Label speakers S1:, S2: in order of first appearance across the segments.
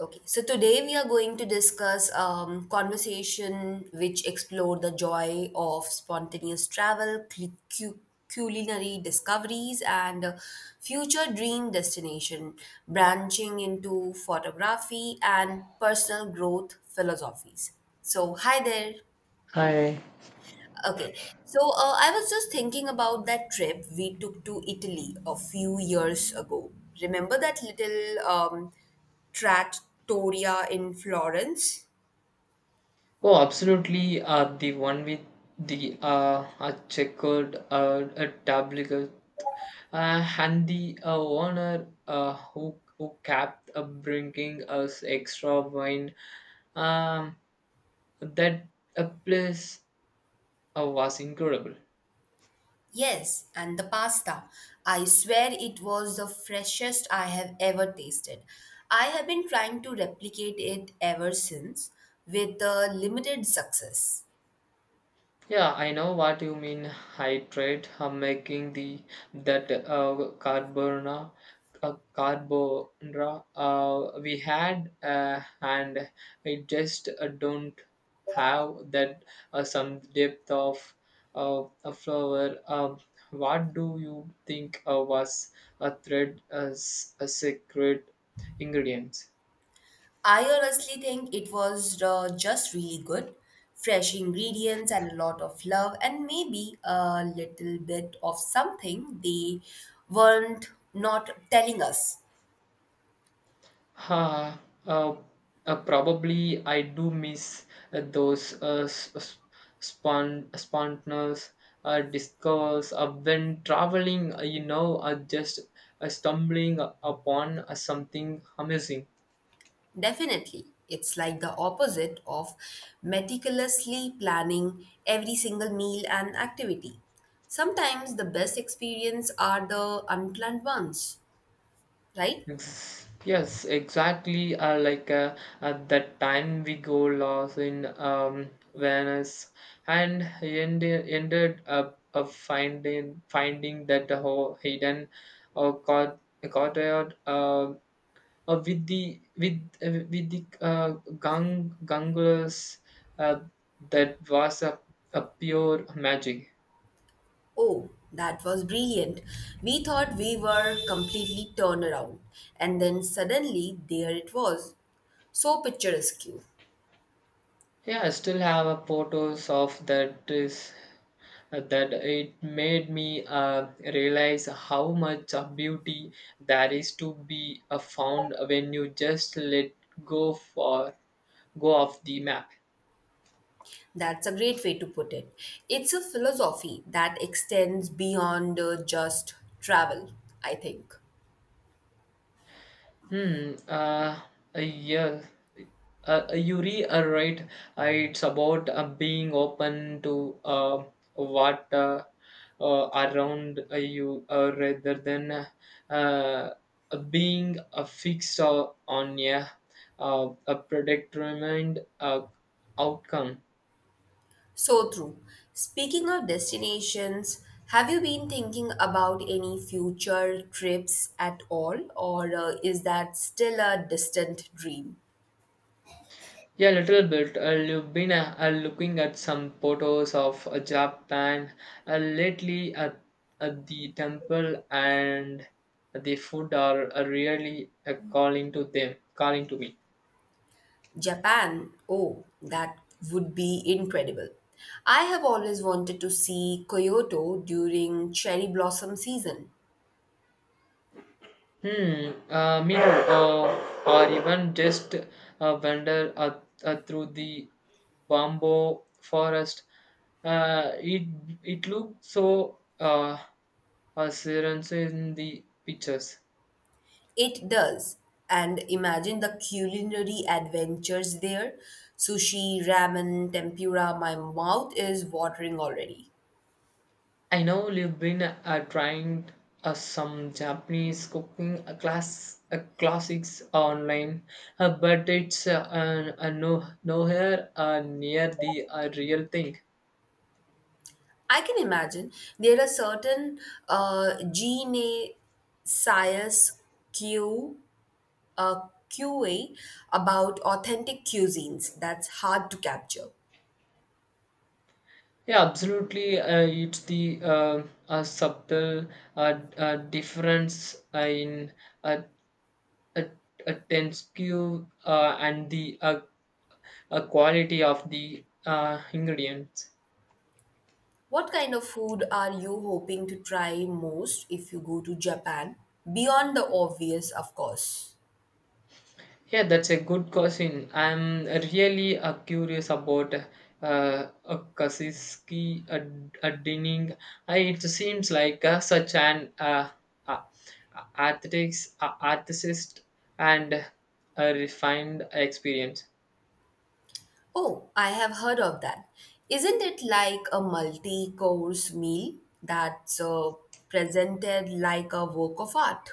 S1: Okay, so today we are going to discuss conversation which explore the joy of spontaneous travel, cu- culinary discoveries, and future dream destination, branching into photography and personal growth philosophies. So, hi there.
S2: Hi.
S1: Okay, so I was just thinking about that trip we took to Italy a few years ago. Remember that little trattoria in Florence?
S2: Oh, absolutely. The one with the a checkered a tablet and the owner who kept bringing us extra wine. Um, that place was incredible.
S1: Yes, and the pasta. I swear it was the freshest I have ever tasted. I have been trying to replicate it ever since with limited success.
S2: Yeah, I know what you mean. Hydrate. I am making the that carbonara we had, and I just don't have that some depth of a flower. What do you think was a thread as a secret ingredient?
S1: I honestly think it was just really good. Fresh ingredients and a lot of love, and maybe a little bit of something they weren't not telling us.
S2: Ha, uh, Probably I do miss those spontaneous discovers when traveling, just stumbling upon something amazing.
S1: Definitely. It's like the opposite of meticulously planning every single meal and activity. Sometimes the best experience are the unplanned ones, right?
S2: Yes, exactly. Like at that time we go lost in Venice and ended up of finding that the whole hidden or caught courtyard with the ganglers. uh, that was a pure magic.
S1: Oh, that was brilliant. We thought we were completely turned around, and then suddenly there it was. So picturesque.
S2: Yeah, I still have a photos of that is that it made me realize how much of beauty there is to be found when you just let go for go off the map.
S1: That's a great way to put it. It's a philosophy that extends beyond just travel, I think.
S2: Hmm. Yeah. You re are right. It's about being open to what around you rather than uh, being fixed on yeah, a predetermined outcome.
S1: So true. Speaking of destinations, have you been thinking about any future trips at all, or is that still a distant dream?
S2: Yeah, a little bit. I've been looking at some photos of Japan lately at the temple, and the food are really calling to me.
S1: Japan, oh, that would be incredible. I have always wanted to see Kyoto during cherry blossom season.
S2: Hmm. Me too. Or even just wander through the bamboo forest. Uh, it it looks so serene in the pictures.
S1: It does. And imagine the culinary adventures there. Sushi, ramen, tempura, my mouth is watering already.
S2: I know you've been trying some Japanese cooking classics online, but it's no nowhere near the real thing.
S1: I can imagine there are certain gene science Q, uh, QA about authentic cuisines that's hard to capture.
S2: Yeah, absolutely. It's the subtle difference in uh, uh, tensuku and the quality of the ingredients.
S1: What kind of food are you hoping to try most if you go to Japan? Beyond the obvious, of course.
S2: Yeah, that's a good question. I'm really curious about uh, Kasiski Dinning. It seems like such an uh, athletics, artist and a refined experience.
S1: Oh, I have heard of that. Isn't it like a multi course meal that's presented like a work of art?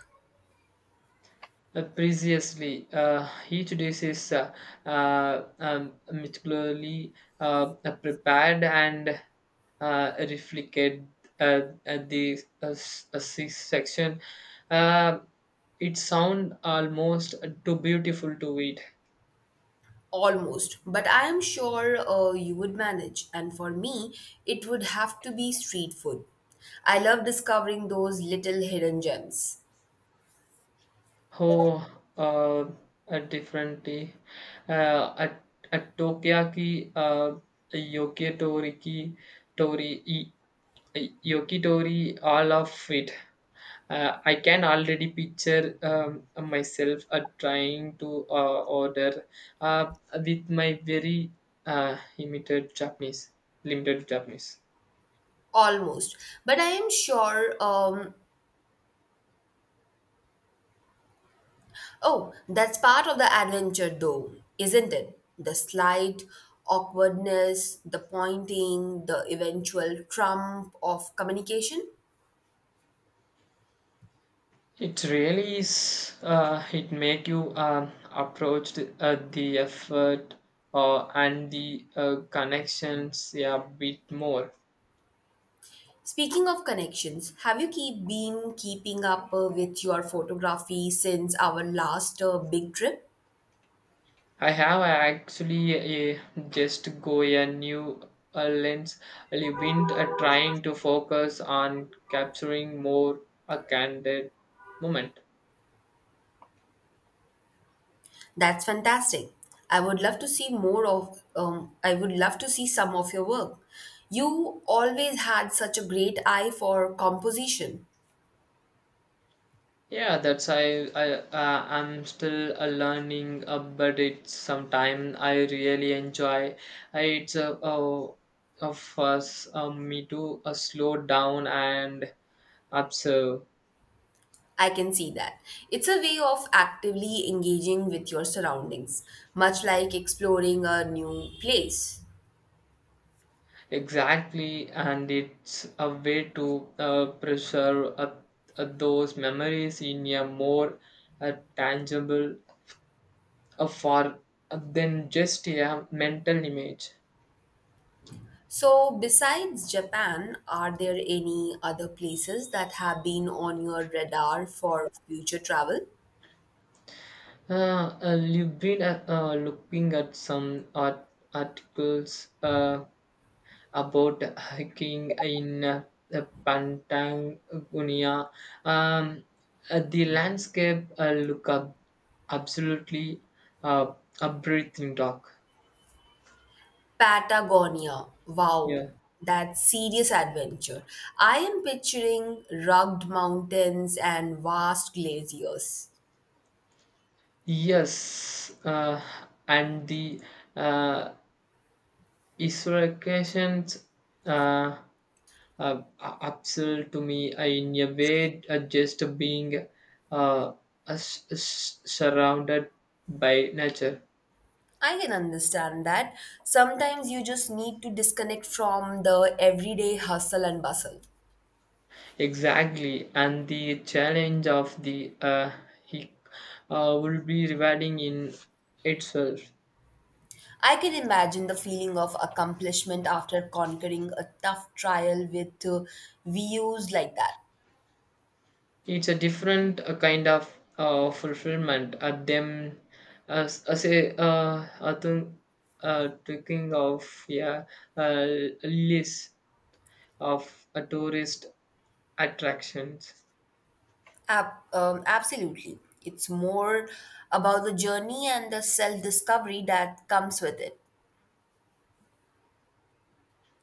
S2: Precisely, each dish is meticulously prepared and reflected uh, at the sixth section. Uh, it sounds almost too beautiful to eat.
S1: Almost. But I am sure you would manage. And for me, it would have to be street food. I love discovering those little hidden gems.
S2: Oh, uh, a different tea. At at Tokyaki, a Yokitori, ki- Tori, e- e- Yokitori, all of it. I can already picture myself trying to order uh, with my very uh, limited Japanese, limited Japanese.
S1: Almost. But I am sure oh, that's part of the adventure, though, isn't it? The slight awkwardness, the pointing, the eventual trump of communication.
S2: It really is. It make you approach the effort and the connections a bit more.
S1: Speaking of connections, have you keep been keeping up with your photography since our last big trip?
S2: I have actually just go a new lens. I've been trying to focus on capturing more a candid moment.
S1: That's fantastic. I would love to see more of. I would love to see some of your work. You always had such a great eye for composition.
S2: Yeah, that's I I'm still learning, but it's sometime I really enjoy. It's a of us me to slow down and observe.
S1: I can see that. It's a way of actively engaging with your surroundings, much like exploring a new place.
S2: Exactly, and it's a way to preserve those memories in a more tangible for than just a mental image.
S1: So, besides Japan, are there any other places that have been on your radar for future travel?
S2: You've been looking at some articles about hiking in Patagonia. Um, the landscape look up absolutely uh, a breathing talk.
S1: Patagonia. Wow,
S2: Yeah.
S1: that's serious adventure. I am picturing rugged mountains and vast glaciers.
S2: Yes, and the uh, isolations uh, uh, upsell to me in a way just being uh, surrounded by nature.
S1: I can understand that. Sometimes you just need to disconnect from the everyday hustle and bustle.
S2: Exactly and the challenge of the he will be rewarding in itself.
S1: I can imagine the feeling of accomplishment after conquering a tough trial with views like that.
S2: It's a different kind of fulfillment at them as a I think, thinking of yeah uh, list of tourist attractions.
S1: Absolutely. It's more about the journey and the self discovery that comes with it.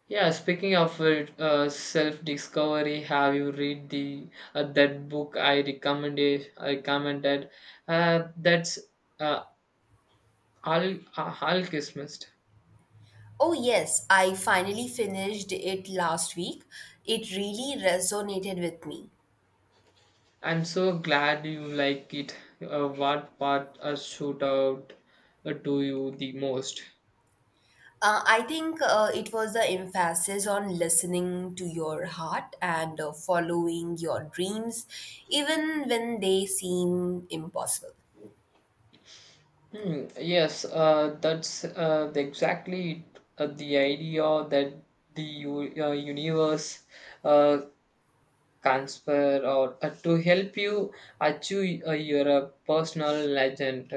S2: Yeah, speaking of it, self-discovery, have you read the that book I recommended? I commented. That's uh, Al Alchemist.
S1: Oh, yes, I finally finished it last week. It really resonated with me.
S2: I'm so glad you like it. What part stood out to you the most?
S1: I think it was the emphasis on listening to your heart and following your dreams, even when they seem impossible.
S2: Hmm, yes, exactly it. The idea that the universe uh, transfer or to help you achieve your personal legend.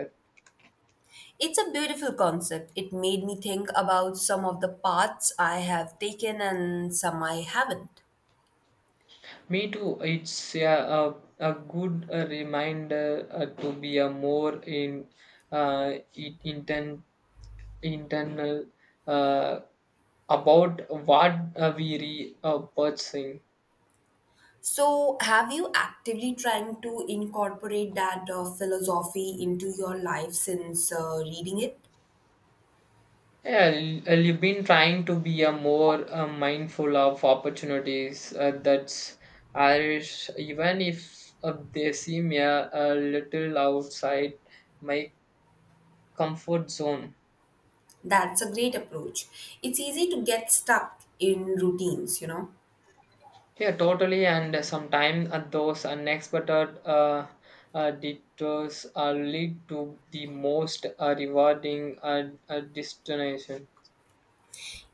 S1: It's a beautiful concept. It made me think about some of the paths I have taken and some I haven't.
S2: Me too. It's a good reminder to be a more in uh, in- inten- internal uh, about what we are pursuing.
S1: So, have you actively trying to incorporate that philosophy into your life since reading it?
S2: You've been trying to be a more mindful of opportunities that's Irish, even if they seem a little outside my comfort zone.
S1: That's a great approach. It's easy to get stuck in routines, you know.
S2: Yeah, totally. And sometimes those unexpected detours lead to the most rewarding destination.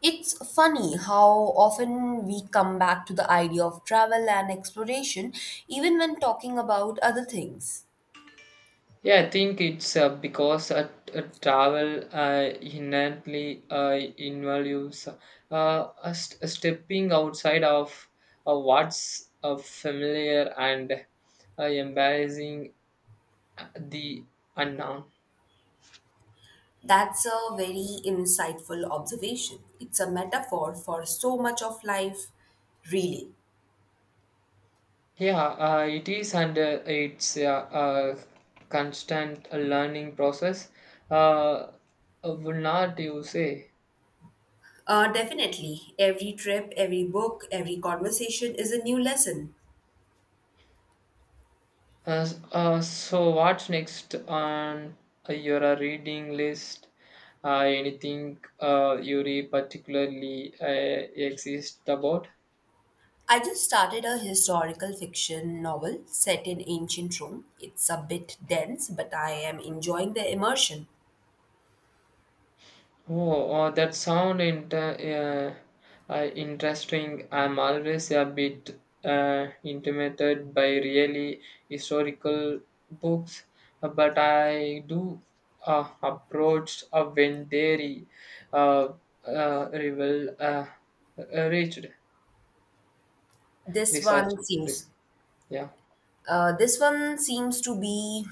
S1: It's funny how often we come back to the idea of travel and exploration, even when talking about other things.
S2: Yeah, I think it's because travel inherently involves stepping outside of what's familiar and embracing the unknown.
S1: That's a very insightful observation. It's a metaphor for so much of life, really.
S2: Yeah, it is, and it's a constant learning process. Uh, would not you say?
S1: Definitely, every trip, every book, every conversation is a new lesson.
S2: So what's next on your reading list? Anything you particularly exist about?
S1: I just started a historical fiction novel set in ancient Rome. It's a bit dense, but I am enjoying the immersion.
S2: Oh, that sound interesting. I'm always a bit intimidated by really historical books, but I do approach when they uh, reveal reached.
S1: This
S2: Research
S1: one seems
S2: risk yeah
S1: This one seems to be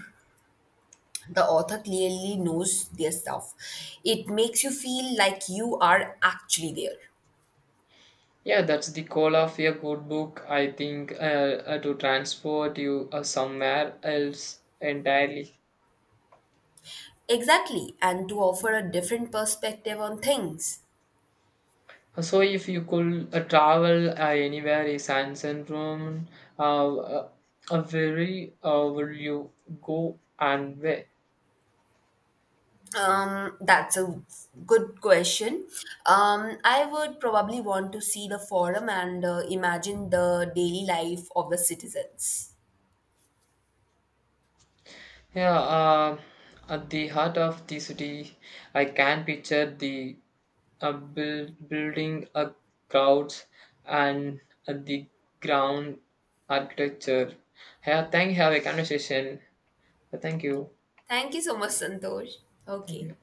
S1: the author clearly knows their stuff. It makes you feel like you are actually there.
S2: yeah, that's the goal of a good book I think, to transport you somewhere else entirely.
S1: Exactly, and to offer a different perspective on things.
S2: So if you could travel anywhere in san Rome, uh, uh, where will you go and where?
S1: That's a good question. I would probably want to see the forum and imagine the daily life of the citizens.
S2: Yeah, at the heart of the city, I can picture the building a crowds and the ground architecture. Yeah, thank you. Have a conversation. Thank you.
S1: Thank you so much, Santosh.
S2: Thank
S1: Okay.
S2: you.